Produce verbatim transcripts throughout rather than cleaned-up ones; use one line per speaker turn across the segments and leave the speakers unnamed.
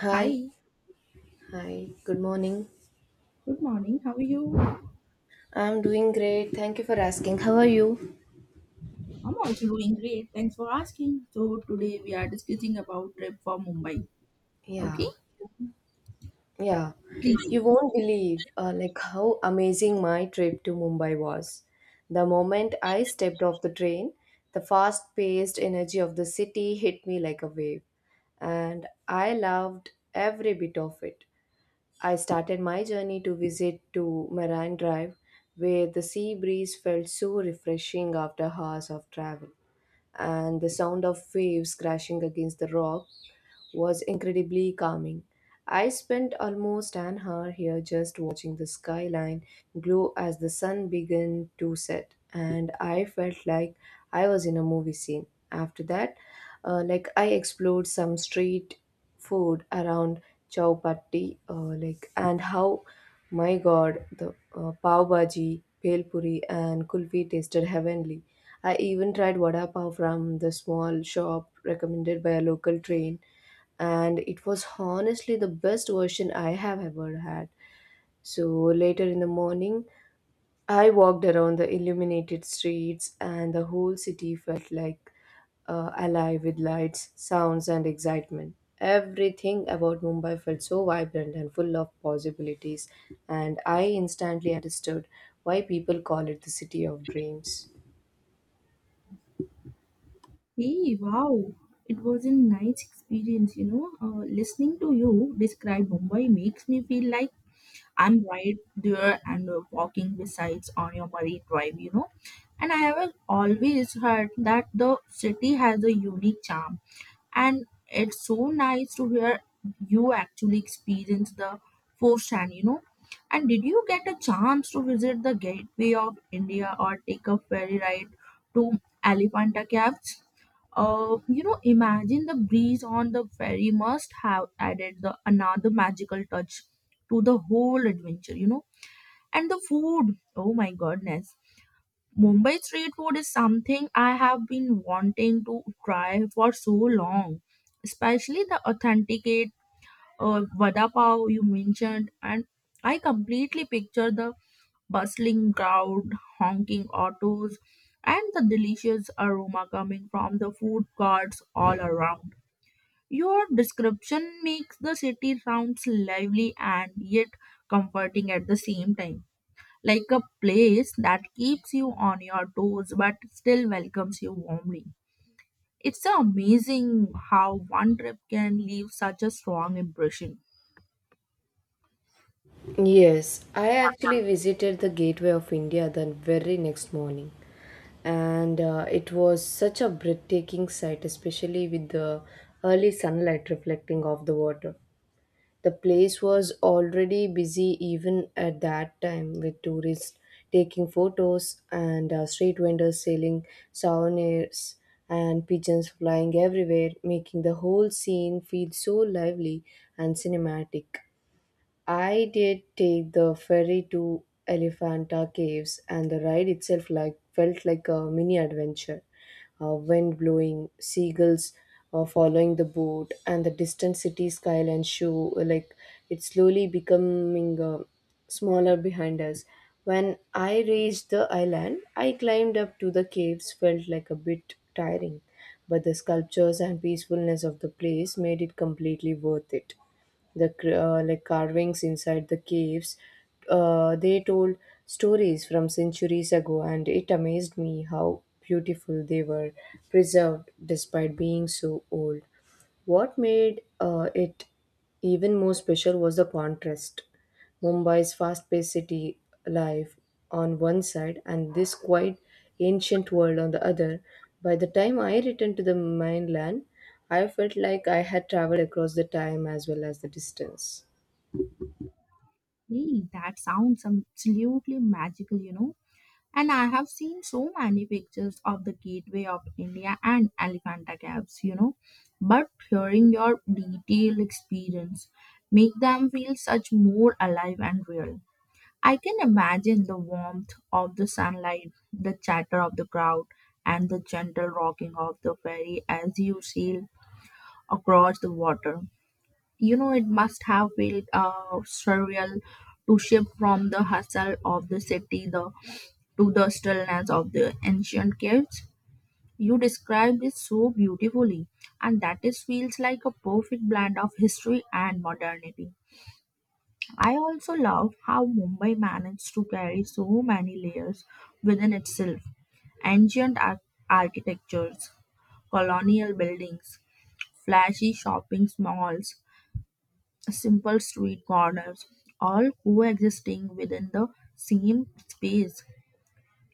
Hi,
Hi,
hi, good morning.
good morning. How are you?
I'm doing great. Thank you for asking. How are you?
I'm also doing great. Thanks for asking. So today we are discussing about trip for Mumbai. Okay,
Yeah, yeah.
please.
You won't believe uh, like how amazing my trip to Mumbai was. The moment I stepped off the train, the fast-paced energy of the city hit me like a wave, and I loved every bit of it. I started my journey to visit to Marine Drive, where the sea breeze felt so refreshing after hours of travel, and the sound of waves crashing against the rock was incredibly calming. I spent almost an hour here just watching the skyline glow as the sun began to set, and I felt like I was in a movie scene. After that, uh, like I explored some street food around Chowpatty. Uh, like and how, my God, the uh, pav bhaji, bhel puri, and kulfi tasted heavenly. I even tried vada pav from the small shop recommended by a local train, and it was honestly the best version I have ever had. So later in the morning, I walked around the illuminated streets, and the whole city felt like uh, alive with lights, sounds, and excitement. Everything about Mumbai felt so vibrant and full of possibilities, and I instantly understood why people call it the city of dreams.
Hey, wow. It was a nice experience, you know. Uh, listening to you describe Mumbai makes me feel like I'm right there and uh, walking besides on your Marine Drive, you know. And I have always heard that the city has a unique charm and it's so nice to hear you actually experience the firsthand, you know. And did you get a chance to visit the gateway of india or take a ferry ride to elephanta caves? Uh, you know, imagine the breeze on the ferry must have added the another magical touch to the whole adventure, you know. And the food, oh my goodness, Mumbai street food is something I have been wanting to try for so long, especially the authenticate uh, vada pav you mentioned. And I completely picture the bustling crowd, honking autos, and the delicious aroma coming from the food carts all around. Your description makes the city sounds lively and yet comforting at the same time, like a place that keeps you on your toes but still welcomes you warmly. It's so amazing how one trip can leave such a strong impression.
Yes, I actually visited the Gateway of India the very next morning, and uh, it was such a breathtaking sight, especially with the early sunlight reflecting off the water. The place was already busy even at that time, with tourists taking photos and uh, street vendors selling souvenirs and pigeons flying everywhere, making the whole scene feel so lively and cinematic. I did take the ferry to Elephanta Caves, and the ride itself like felt like a mini adventure. Uh, wind blowing, seagulls uh, following the boat, and the distant city skyline show like it slowly becoming uh, smaller behind us. When I reached the island, I climbed up to the caves. Felt like a bit tiring, but the sculptures and peacefulness of the place made it completely worth it. The cr- uh, like carvings inside the caves uh, they told stories from centuries ago, and it amazed me how beautiful they were preserved despite being so old. What made uh, it even more special was the contrast: Mumbai's fast-paced city life on one side, and this quiet ancient world on the other. By the time I returned to the mainland, I felt like I had traveled across the time as well as the distance.
Hey, that sounds absolutely magical, you know. And I have seen so many pictures of the Gateway of India and Elephanta Caves, you know. But hearing your detailed experience make them feel such more alive and real. I can imagine the warmth of the sunlight, the chatter of the crowd, and the gentle rocking of the ferry as you sail across the water. You know, it must have felt uh, surreal to shift from the hustle of the city the, to the stillness of the ancient caves. You described it so beautifully, and that is feels like a perfect blend of history and modernity. I also love how Mumbai managed to carry so many layers within itself, ancient ar- architectures, colonial buildings, flashy shopping malls, simple street corners, all coexisting within the same space.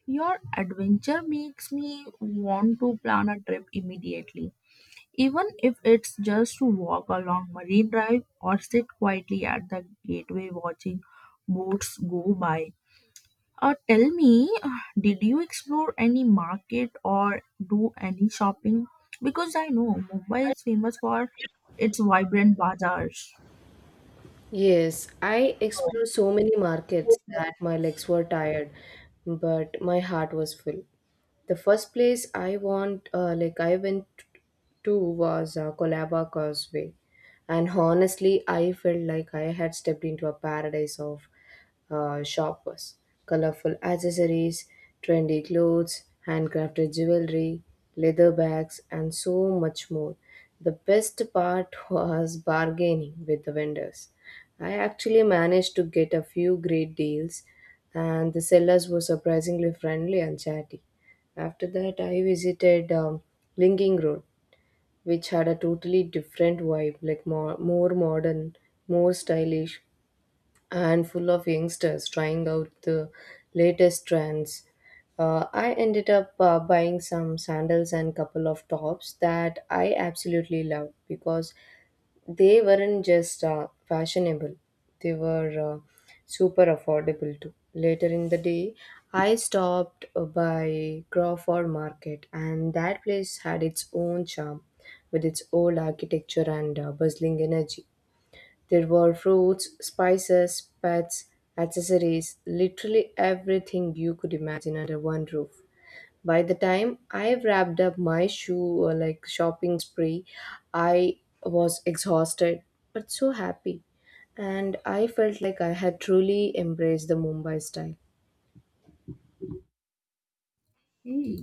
Your adventure makes me want to plan a trip immediately, even if it's just to walk along Marine Drive or sit quietly at the gateway watching boats go by. Uh, tell me, did you explore any market or do any shopping? Because I know Mumbai is famous for its vibrant bazaars.
Yes, I explored so many markets that my legs were tired, but my heart was full. The first place I want, uh, like I went to, was uh, Colaba Causeway, and honestly, I felt like I had stepped into a paradise of uh, shoppers, colorful accessories, trendy clothes, handcrafted jewelry, leather bags, and so much more. The best part was bargaining with the vendors. I actually managed to get a few great deals, and the sellers were surprisingly friendly and chatty. After that, I visited um, Linking Road, which had a totally different vibe, like more, more modern, more stylish, and full of youngsters trying out the latest trends. Uh, I ended up uh, buying some sandals and couple of tops that I absolutely loved, because they weren't just uh, fashionable, they were uh, super affordable too. Later in the day, I stopped uh, by Crawford Market, and that place had its own charm with its old architecture and uh, bustling energy. There were fruits, spices, pets, accessories, literally everything you could imagine under one roof. By the time I wrapped up my shoe uh, like shopping spree, I was exhausted but so happy. And I felt like I had truly embraced the Mumbai style.
Hey,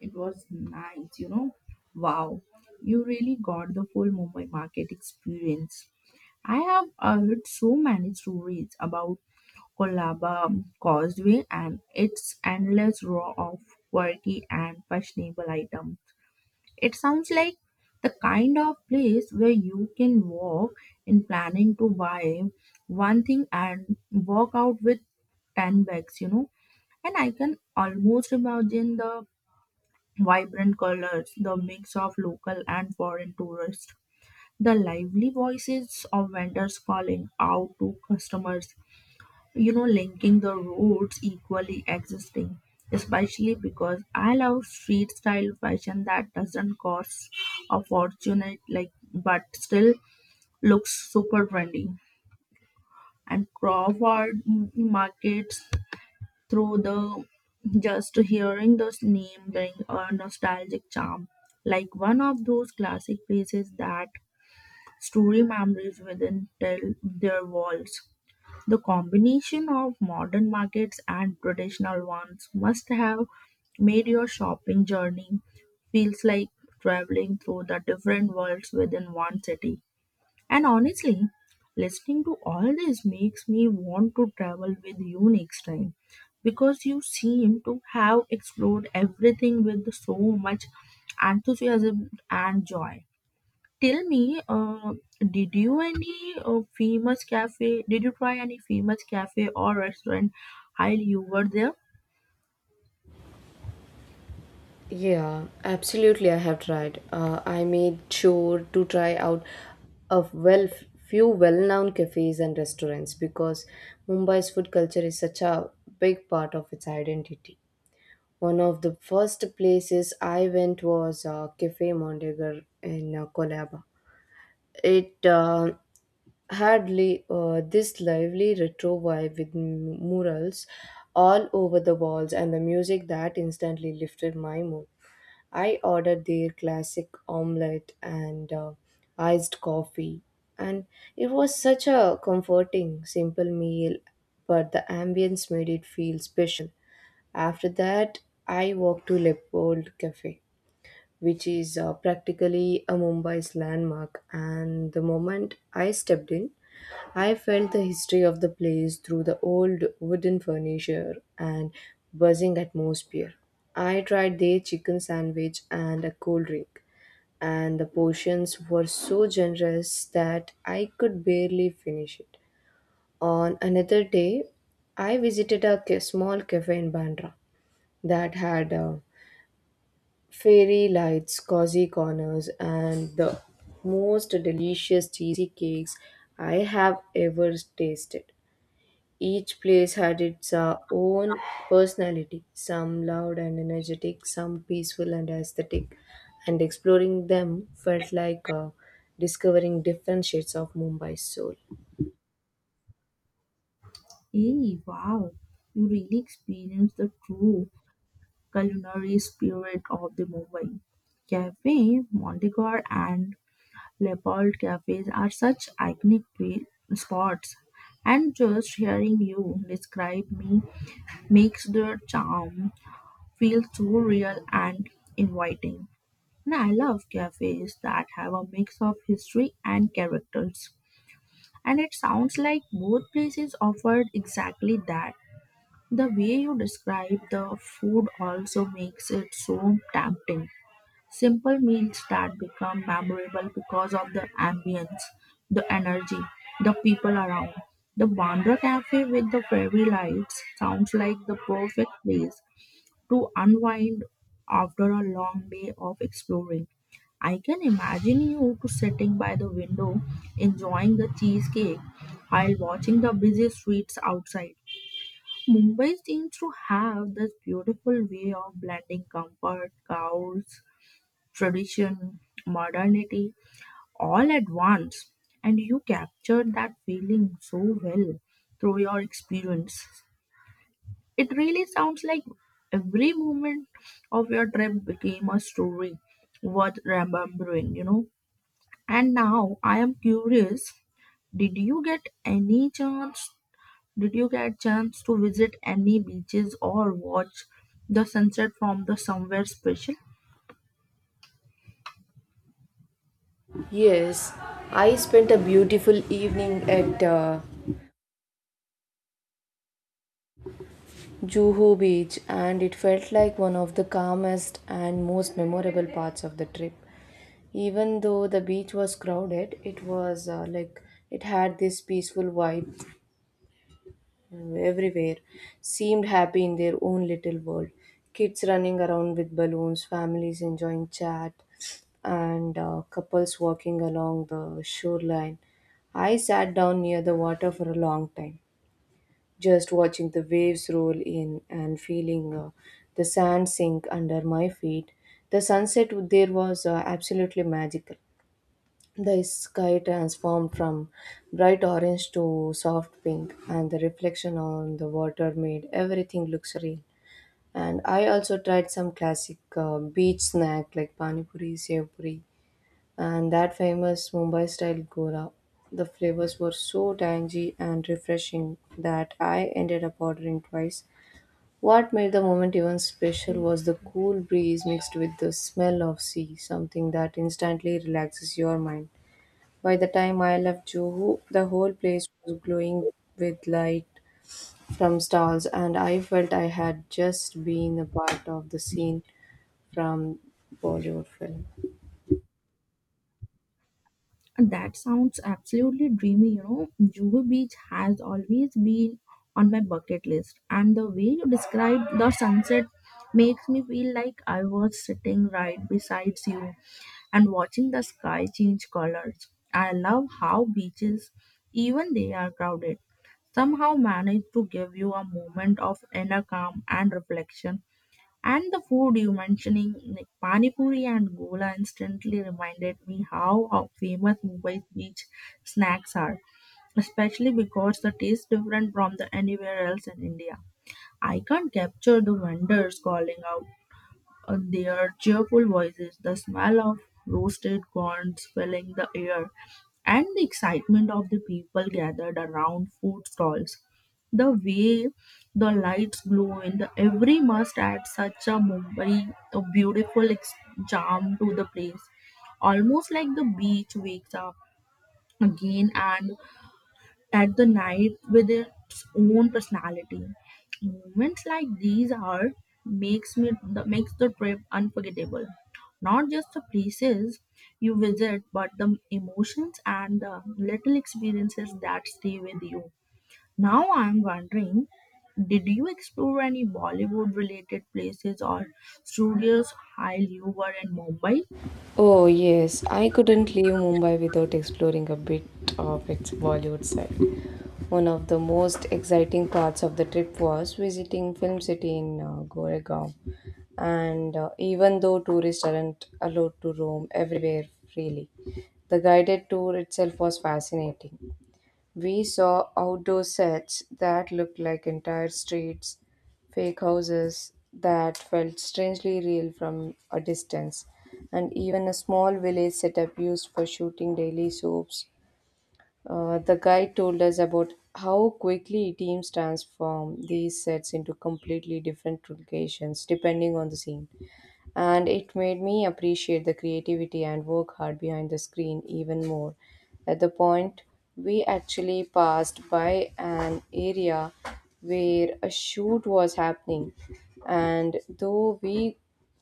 it was nice, you know. Wow, you really got the full Mumbai market experience. I have heard so many stories about Kolaba Causeway and its endless row of quality and fashionable items. It sounds like the kind of place where you can walk in planning to buy one thing and walk out with ten bags, you know. And I can almost imagine the vibrant colors, the mix of local and foreign tourists, the lively voices of vendors calling out to customers, you know, linking the routes equally existing, especially because I love street style fashion that doesn't cost a fortune, it, like but still looks super trendy. And Crawford markets through the, just hearing this name bring a nostalgic charm, like one of those classic places that story memories within tell their walls. The combination of modern markets and traditional ones must have made your shopping journey feels like traveling through the different worlds within one city. And honestly, listening to all this makes me want to travel with you next time because you seem to have explored everything with so much enthusiasm and joy. Tell me, uh, did you any uh, famous cafe? Did you try any famous cafe or restaurant while you were there?
Yeah, absolutely. I have tried. Uh, I made sure to try out a well few well-known cafes and restaurants because Mumbai's food culture is such a big part of its identity. One of the first places I went was uh, Cafe Mondegar in uh, Colaba. It uh, had li- uh, this lively retro vibe with m- murals all over the walls and the music that instantly lifted my mood. I ordered their classic omelette and uh, iced coffee, and it was such a comforting, simple meal, but the ambience made it feel special. After that, I walked to Leopold Cafe, which is uh, practically a Mumbai's landmark. And the moment I stepped in, I felt the history of the place through the old wooden furniture and buzzing atmosphere. I tried their chicken sandwich and a cold drink, and the portions were so generous that I could barely finish it. On another day, I visited a ca- small cafe in Bandra that had uh, fairy lights, cozy corners, and the most delicious cheesy cakes I have ever tasted. Each place had its uh, own personality, some loud and energetic, some peaceful and aesthetic, and exploring them felt like uh, discovering different shades of Mumbai's soul.
Hey, wow! You really experienced the true culinary spirit of the Mumbai. Cafe Mondegar and Leopold cafes are such iconic pla- spots, and just hearing you describe me makes their charm feel so real and inviting. And I love cafes that have a mix of history and characters. And it sounds like both places offered exactly that. The way you describe the food also makes it so tempting. Simple meals that become memorable because of the ambience, the energy, the people around. The Bandra Cafe with the fairy lights sounds like the perfect place to unwind after a long day of exploring. I can imagine you two sitting by the window enjoying the cheesecake while watching the busy streets outside. Mumbai seems to have this beautiful way of blending comfort, chaos, tradition, modernity all at once. And you captured that feeling so well through your experience. It really sounds like every moment of your trip became a story worth remembering, you know. And now I am curious, did you get any chance did you get chance to visit any beaches or watch the sunset from the somewhere special?
Yes, I spent a beautiful evening at uh, Juhu Beach, and it felt like one of the calmest and most memorable parts of the trip. Even though the beach was crowded, it was uh, like it had this peaceful vibe, everywhere seemed happy in their own little world. Kids running around with balloons, families enjoying chat, and uh, couples walking along the shoreline. I sat down near the water for a long time just watching the waves roll in and feeling uh, the sand sink under my feet. The sunset there was uh, absolutely magical. The sky transformed from bright orange to soft pink, and the reflection on the water made everything look serene. And I also tried some classic uh, beach snack like pani puri, sev puri, and that famous Mumbai style gora. The flavors were so tangy and refreshing that I ended up ordering twice. What made the moment even special was the cool breeze mixed with the smell of sea, something that instantly relaxes your mind. By the time I left Juhu, the whole place was glowing with light from stars, and I felt I had just been a part of the scene from Bollywood film.
That sounds absolutely dreamy, you know. Juhu Beach has always been on my bucket list and the way you described the sunset makes me feel like I was sitting right beside you and watching the sky change colors. I love how beaches, even they are crowded, somehow manage to give you a moment of inner calm and reflection. And the food you mentioning, like Pani Puri and Gola, instantly reminded me how, how famous Mumbai beach snacks are, especially because the taste different from the anywhere else in India. I can't capture the vendors calling out uh, their cheerful voices, the smell of roasted corns filling the air, and the excitement of the people gathered around food stalls. The way the lights glow in the every must add such a Mumbai a beautiful ex- charm to the place, almost like the beach wakes up again and at the night with its own personality. Moments like these are makes me the, makes the trip unforgettable. Not just the places you visit, but the emotions and the little experiences that stay with you. Now I'm wondering, did you explore any Bollywood related places or studios while you were in Mumbai?
Oh, yes, I couldn't leave Mumbai without exploring a bit of its Bollywood side. One of the most exciting parts of the trip was visiting Film City in uh, Goregaon. And uh, even though tourists aren't allowed to roam everywhere freely, the guided tour itself was fascinating. We saw outdoor sets that looked like entire streets, fake houses that felt strangely real from a distance, and even a small village setup used for shooting daily soaps. Uh, the guide told us about how quickly teams transform these sets into completely different locations depending on the scene, and it made me appreciate the creativity and work hard behind the screen even more. At the point, we actually passed by an area where a shoot was happening, and though we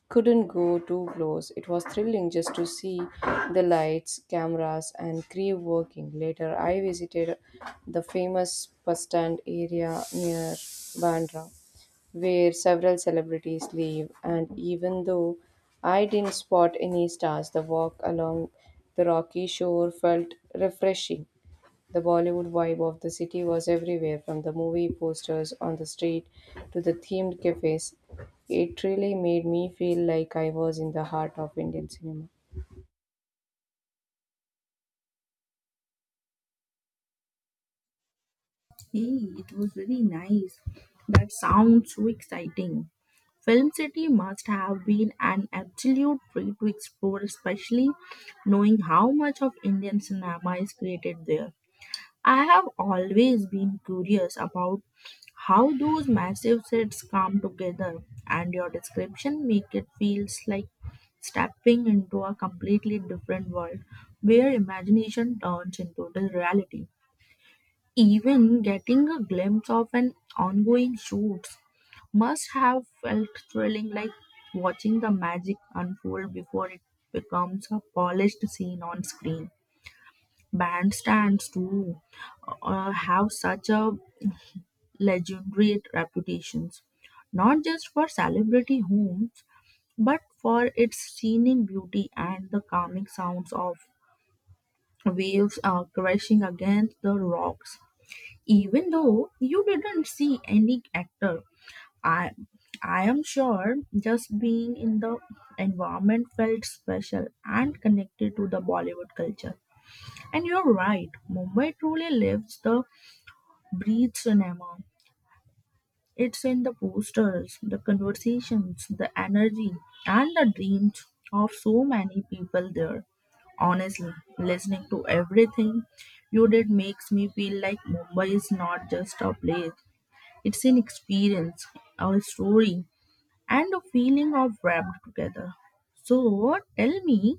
couldn't go too close, it was thrilling just to see the lights, cameras, and crew working. Later, I visited the famous bus stand area near Bandra where several celebrities live, and even though I didn't spot any stars, the walk along the rocky shore felt refreshing. The Bollywood vibe of the city was everywhere, from the movie posters on the street to the themed cafes. It really made me feel like I was in the heart of Indian cinema.
Hey, it was very nice. That sounds so exciting. Film City must have been an absolute treat to explore, especially knowing how much of Indian cinema is created there. I have always been curious about how those massive sets come together, and your description make it feels like stepping into a completely different world where imagination turns into the reality. Even getting a glimpse of an ongoing shoot must have felt thrilling, like watching the magic unfold before it becomes a polished scene on screen. Bandstands, too, uh, have such a legendary reputations, not just for celebrity homes, but for its scenic beauty and the calming sounds of waves uh, crashing against the rocks. Even though you didn't see any actor, i i am sure just being in the environment felt special and connected to the Bollywood culture. And you're right, Mumbai truly lives the breathe cinema. It's in the posters, the conversations, the energy, and the dreams of so many people there. Honestly, listening to everything you did makes me feel like Mumbai is not just a place, it's an experience, a story, and a feeling of wrapped together. So, tell me,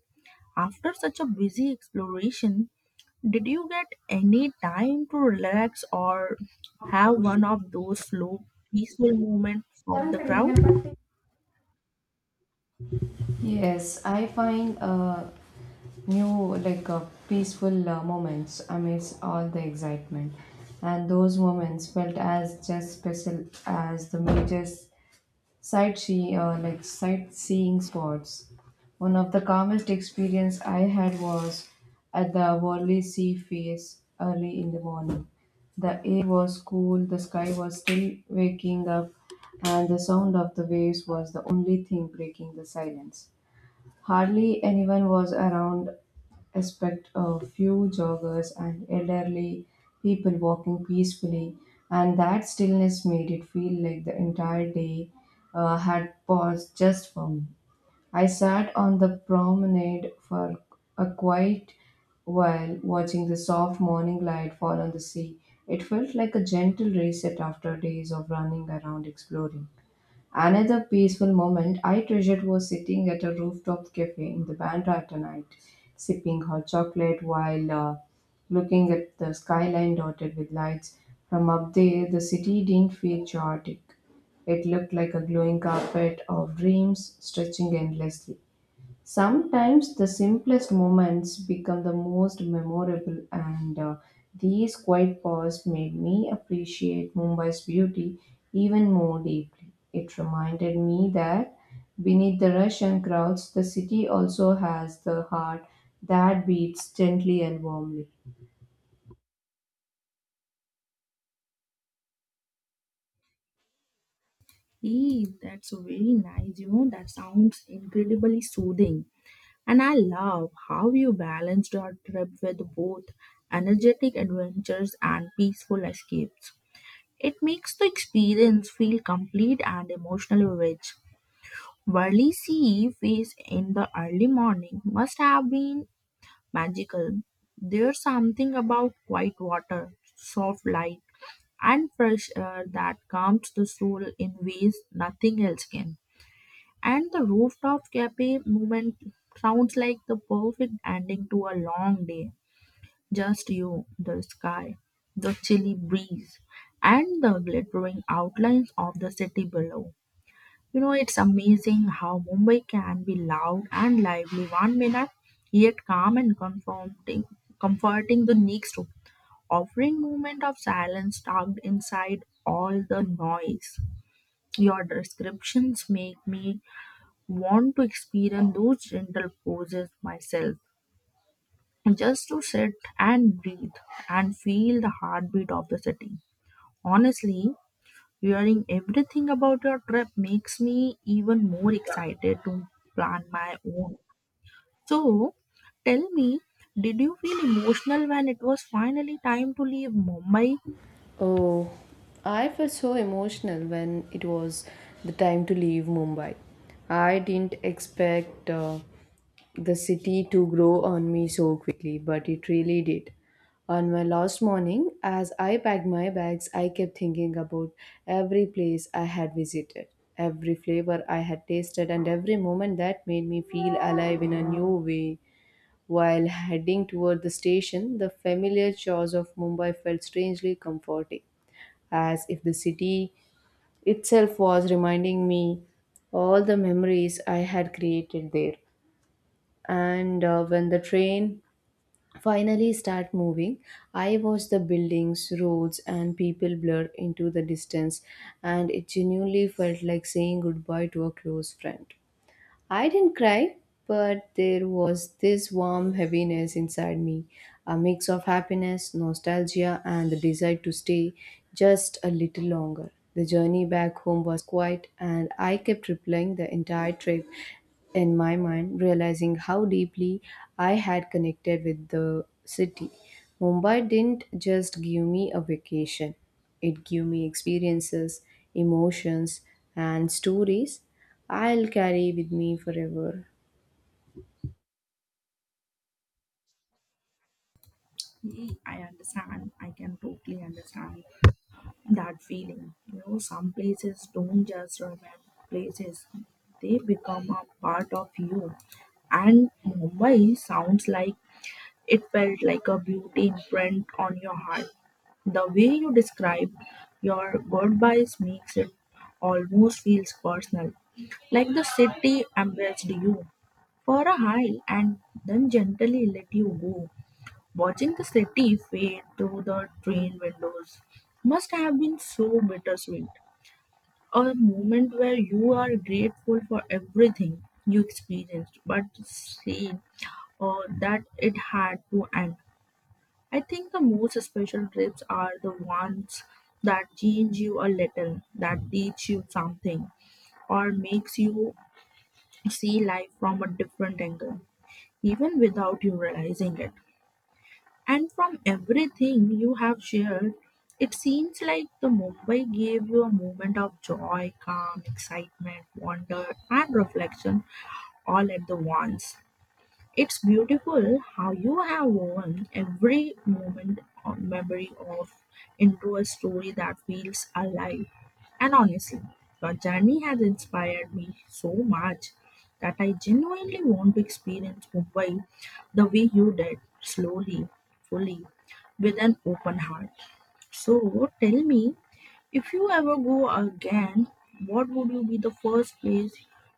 after such a busy exploration, did you get any time to relax or have one of those slow, peaceful moments from the crowd?
Yes, I find uh, new like uh, peaceful uh, moments amidst all the excitement, and those moments felt as just special as the major sightseeing uh, like sightseeing spots. One of the calmest experience I had was at the Worley Sea Face early in the morning. The air was cool, the sky was still waking up, and the sound of the waves was the only thing breaking the silence. Hardly anyone was around except a few joggers and elderly people walking peacefully, and that stillness made it feel like the entire day uh, had paused just for me. I sat on the promenade for a quiet while, watching the soft morning light fall on the sea. It felt like a gentle reset after days of running around exploring. Another peaceful moment I treasured was sitting at a rooftop cafe in the Bandra at night, sipping hot chocolate while uh, looking at the skyline dotted with lights. From up there, the city didn't feel chaotic. It looked like a glowing carpet of dreams stretching endlessly. Sometimes the simplest moments become the most memorable, and uh, these quiet pauses made me appreciate Mumbai's beauty even more deeply. It reminded me that beneath the rush and crowds, the city also has the heart that beats gently and warmly.
Hey, that's very nice. You know, that sounds incredibly soothing. And I love how you balanced your trip with both energetic adventures and peaceful escapes. It makes the experience feel complete and emotionally rich. Worli Sea phase in the early morning must have been magical. There's something about quiet water, soft light, and fresh air that calms the soul in ways nothing else can. And the rooftop cafe moment sounds like the perfect ending to a long day. Just you, the sky, the chilly breeze, and the glittering outlines of the city below. You know, it's amazing how Mumbai can be loud and lively one minute, yet calm and comforting, comforting the next, offering moment of silence tucked inside all the noise. Your descriptions make me want to experience those gentle poses myself, just to sit and breathe and feel the heartbeat of the city. Honestly, hearing everything about your trip makes me even more excited to plan my own. So, tell me, did you feel emotional when it was finally time to leave Mumbai?
Oh, I felt so emotional when it was the time to leave Mumbai. I didn't expect uh, the city to grow on me so quickly, but it really did. On my last morning, as I packed my bags, I kept thinking about every place I had visited, every flavor I had tasted, and every moment that made me feel alive in a new way. While heading toward the station, the familiar chores of Mumbai felt strangely comforting, as if the city itself was reminding me all the memories I had created there. And uh, when the train finally start moving, I watch the buildings, roads and people blur into the distance, and it genuinely felt like saying goodbye to a close friend. I didn't cry, but there was this warm heaviness inside me, a mix of happiness, nostalgia, and the desire to stay just a little longer. The journey back home was quiet, and I kept replaying the entire trip in my mind, realizing how deeply I had connected with the city. Mumbai didn't just give me a vacation, it gave me experiences, emotions, and stories I'll carry with me forever.
Yeah, I understand. I can totally understand that feeling. You know, some places don't just remain places, they become a part of you. And Mumbai sounds like it felt like a beauty imprint on your heart. The way you describe your goodbyes makes it almost feels personal, like the city embraced you for a while and then gently let you go. Watching the city fade through the train windows must have been so bittersweet. A moment where you are grateful for everything you experienced, but sad or that it had to end. I think the most special trips are the ones that change you a little, that teach you something, or makes you see life from a different angle, even without you realizing it. And from everything you have shared, it seems like the Mumbai gave you a moment of joy, calm, excitement, wonder, and reflection all at the once. It's beautiful how you have woven every moment or memory of into a story that feels alive. And honestly, your journey has inspired me so much that I genuinely want to experience Mumbai the way you did, slowly, fully, with an open heart. So tell me, if you ever go again, what would you be the first place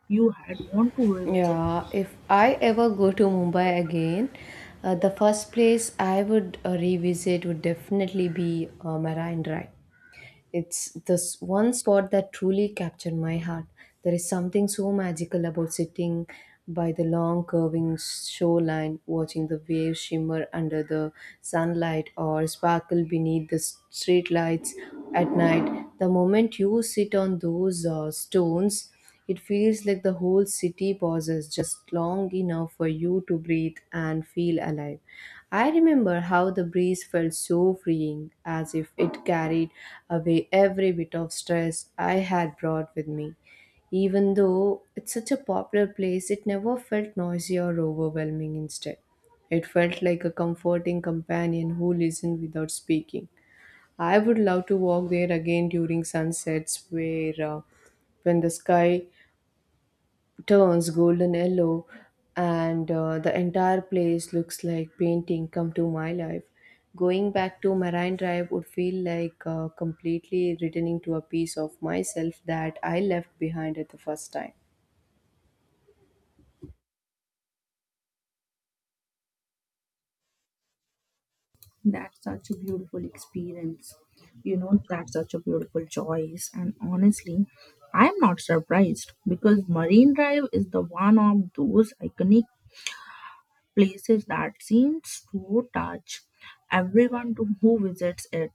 you had want to revisit?
Yeah, if I ever go to Mumbai again, uh, the first place I would uh, revisit would definitely be uh, Marine Drive. It's this one spot that truly captured my heart. There is something so magical about sitting by the long curving shoreline, watching the waves shimmer under the sunlight or sparkle beneath the street lights at night. The moment you sit on those uh, stones, it feels like the whole city pauses just long enough for you to breathe and feel alive. I remember how the breeze felt so freeing, as if it carried away every bit of stress I had brought with me. Even though it's such a popular place, it never felt noisy or overwhelming instead. It felt like a comforting companion who listened without speaking. I would love to walk there again during sunsets where uh, when the sky turns golden yellow and uh, the entire place looks like painting come to my life. Going back to Marine Drive would feel like uh, completely returning to a piece of myself that I left behind at the first time.
That's such a beautiful experience. You know, that's such a beautiful choice. And honestly, I'm not surprised because Marine Drive is the one of those iconic places that seems to touch everyone to who visits it.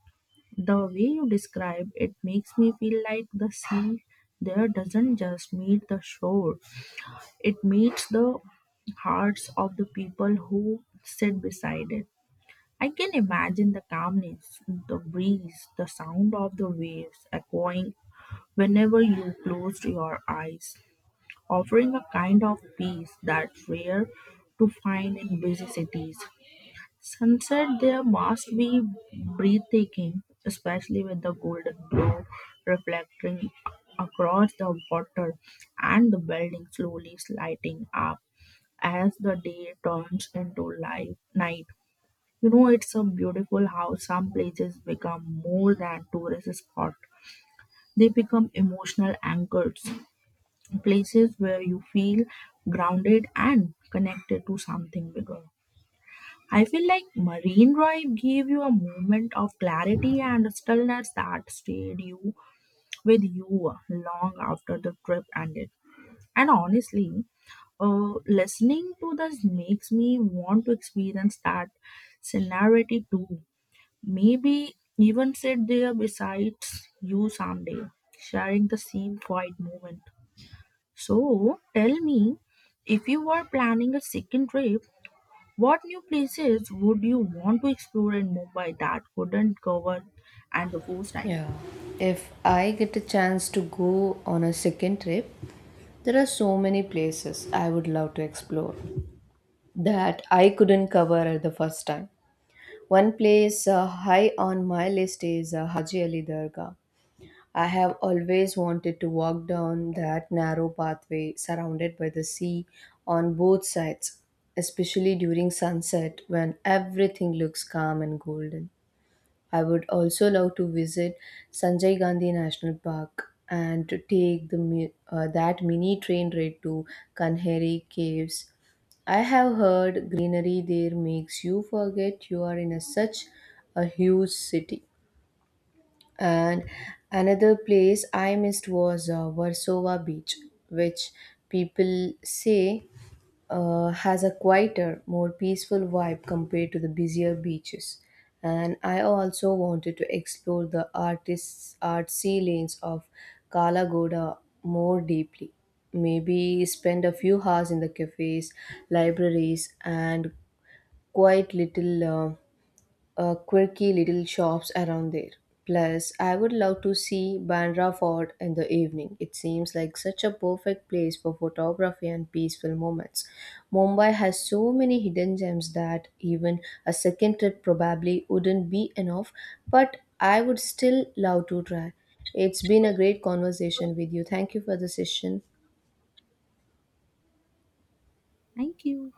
The way you describe it makes me feel like the sea there doesn't just meet the shore, it meets the hearts of the people who sit beside it. I can imagine the calmness, the breeze, the sound of the waves echoing whenever you closed your eyes, offering a kind of peace that's rare to find in busy cities. Sunset there must be breathtaking, especially with the golden glow reflecting across the water and the building slowly lighting up as the day turns into light night. You know, it's a beautiful how some places become more than tourist spot. They become emotional anchors, places where you feel grounded and connected to something bigger. I feel like Marine Drive gave you a moment of clarity and stillness that stayed you with you long after the trip ended. And honestly, uh, listening to this makes me want to experience that scenario too. Maybe even sit there besides you someday, sharing the same quiet moment. So tell me, if you were planning a second trip, what new places would you want to explore in Mumbai that couldn't cover at the first time?
Yeah, if I get a chance to go on a second trip, there are so many places I would love to explore that I couldn't cover at the first time. One place uh, high on my list is uh, Haji Ali Dargah. I have always wanted to walk down that narrow pathway surrounded by the sea on both sides, especially during sunset when everything looks calm and golden. I would also love to visit Sanjay Gandhi National Park and to take the mi- uh, that mini train ride to Kanheri Caves. I have heard greenery there makes you forget you are in a, such a huge city. And another place I missed was uh, Warsaw Beach, which people say uh, has a quieter, more peaceful vibe compared to the busier beaches. And I also wanted to explore the artists' artsy lanes of Kalagoda more deeply. Maybe spend a few hours in the cafes, libraries, and quite little uh, uh, quirky little shops around there. Plus, I would love to see Bandra Fort in the evening. It seems like such a perfect place for photography and peaceful moments. Mumbai has so many hidden gems that even a second trip probably wouldn't be enough, but I would still love to try. It's been a great conversation with you. Thank you for the session.
Thank you.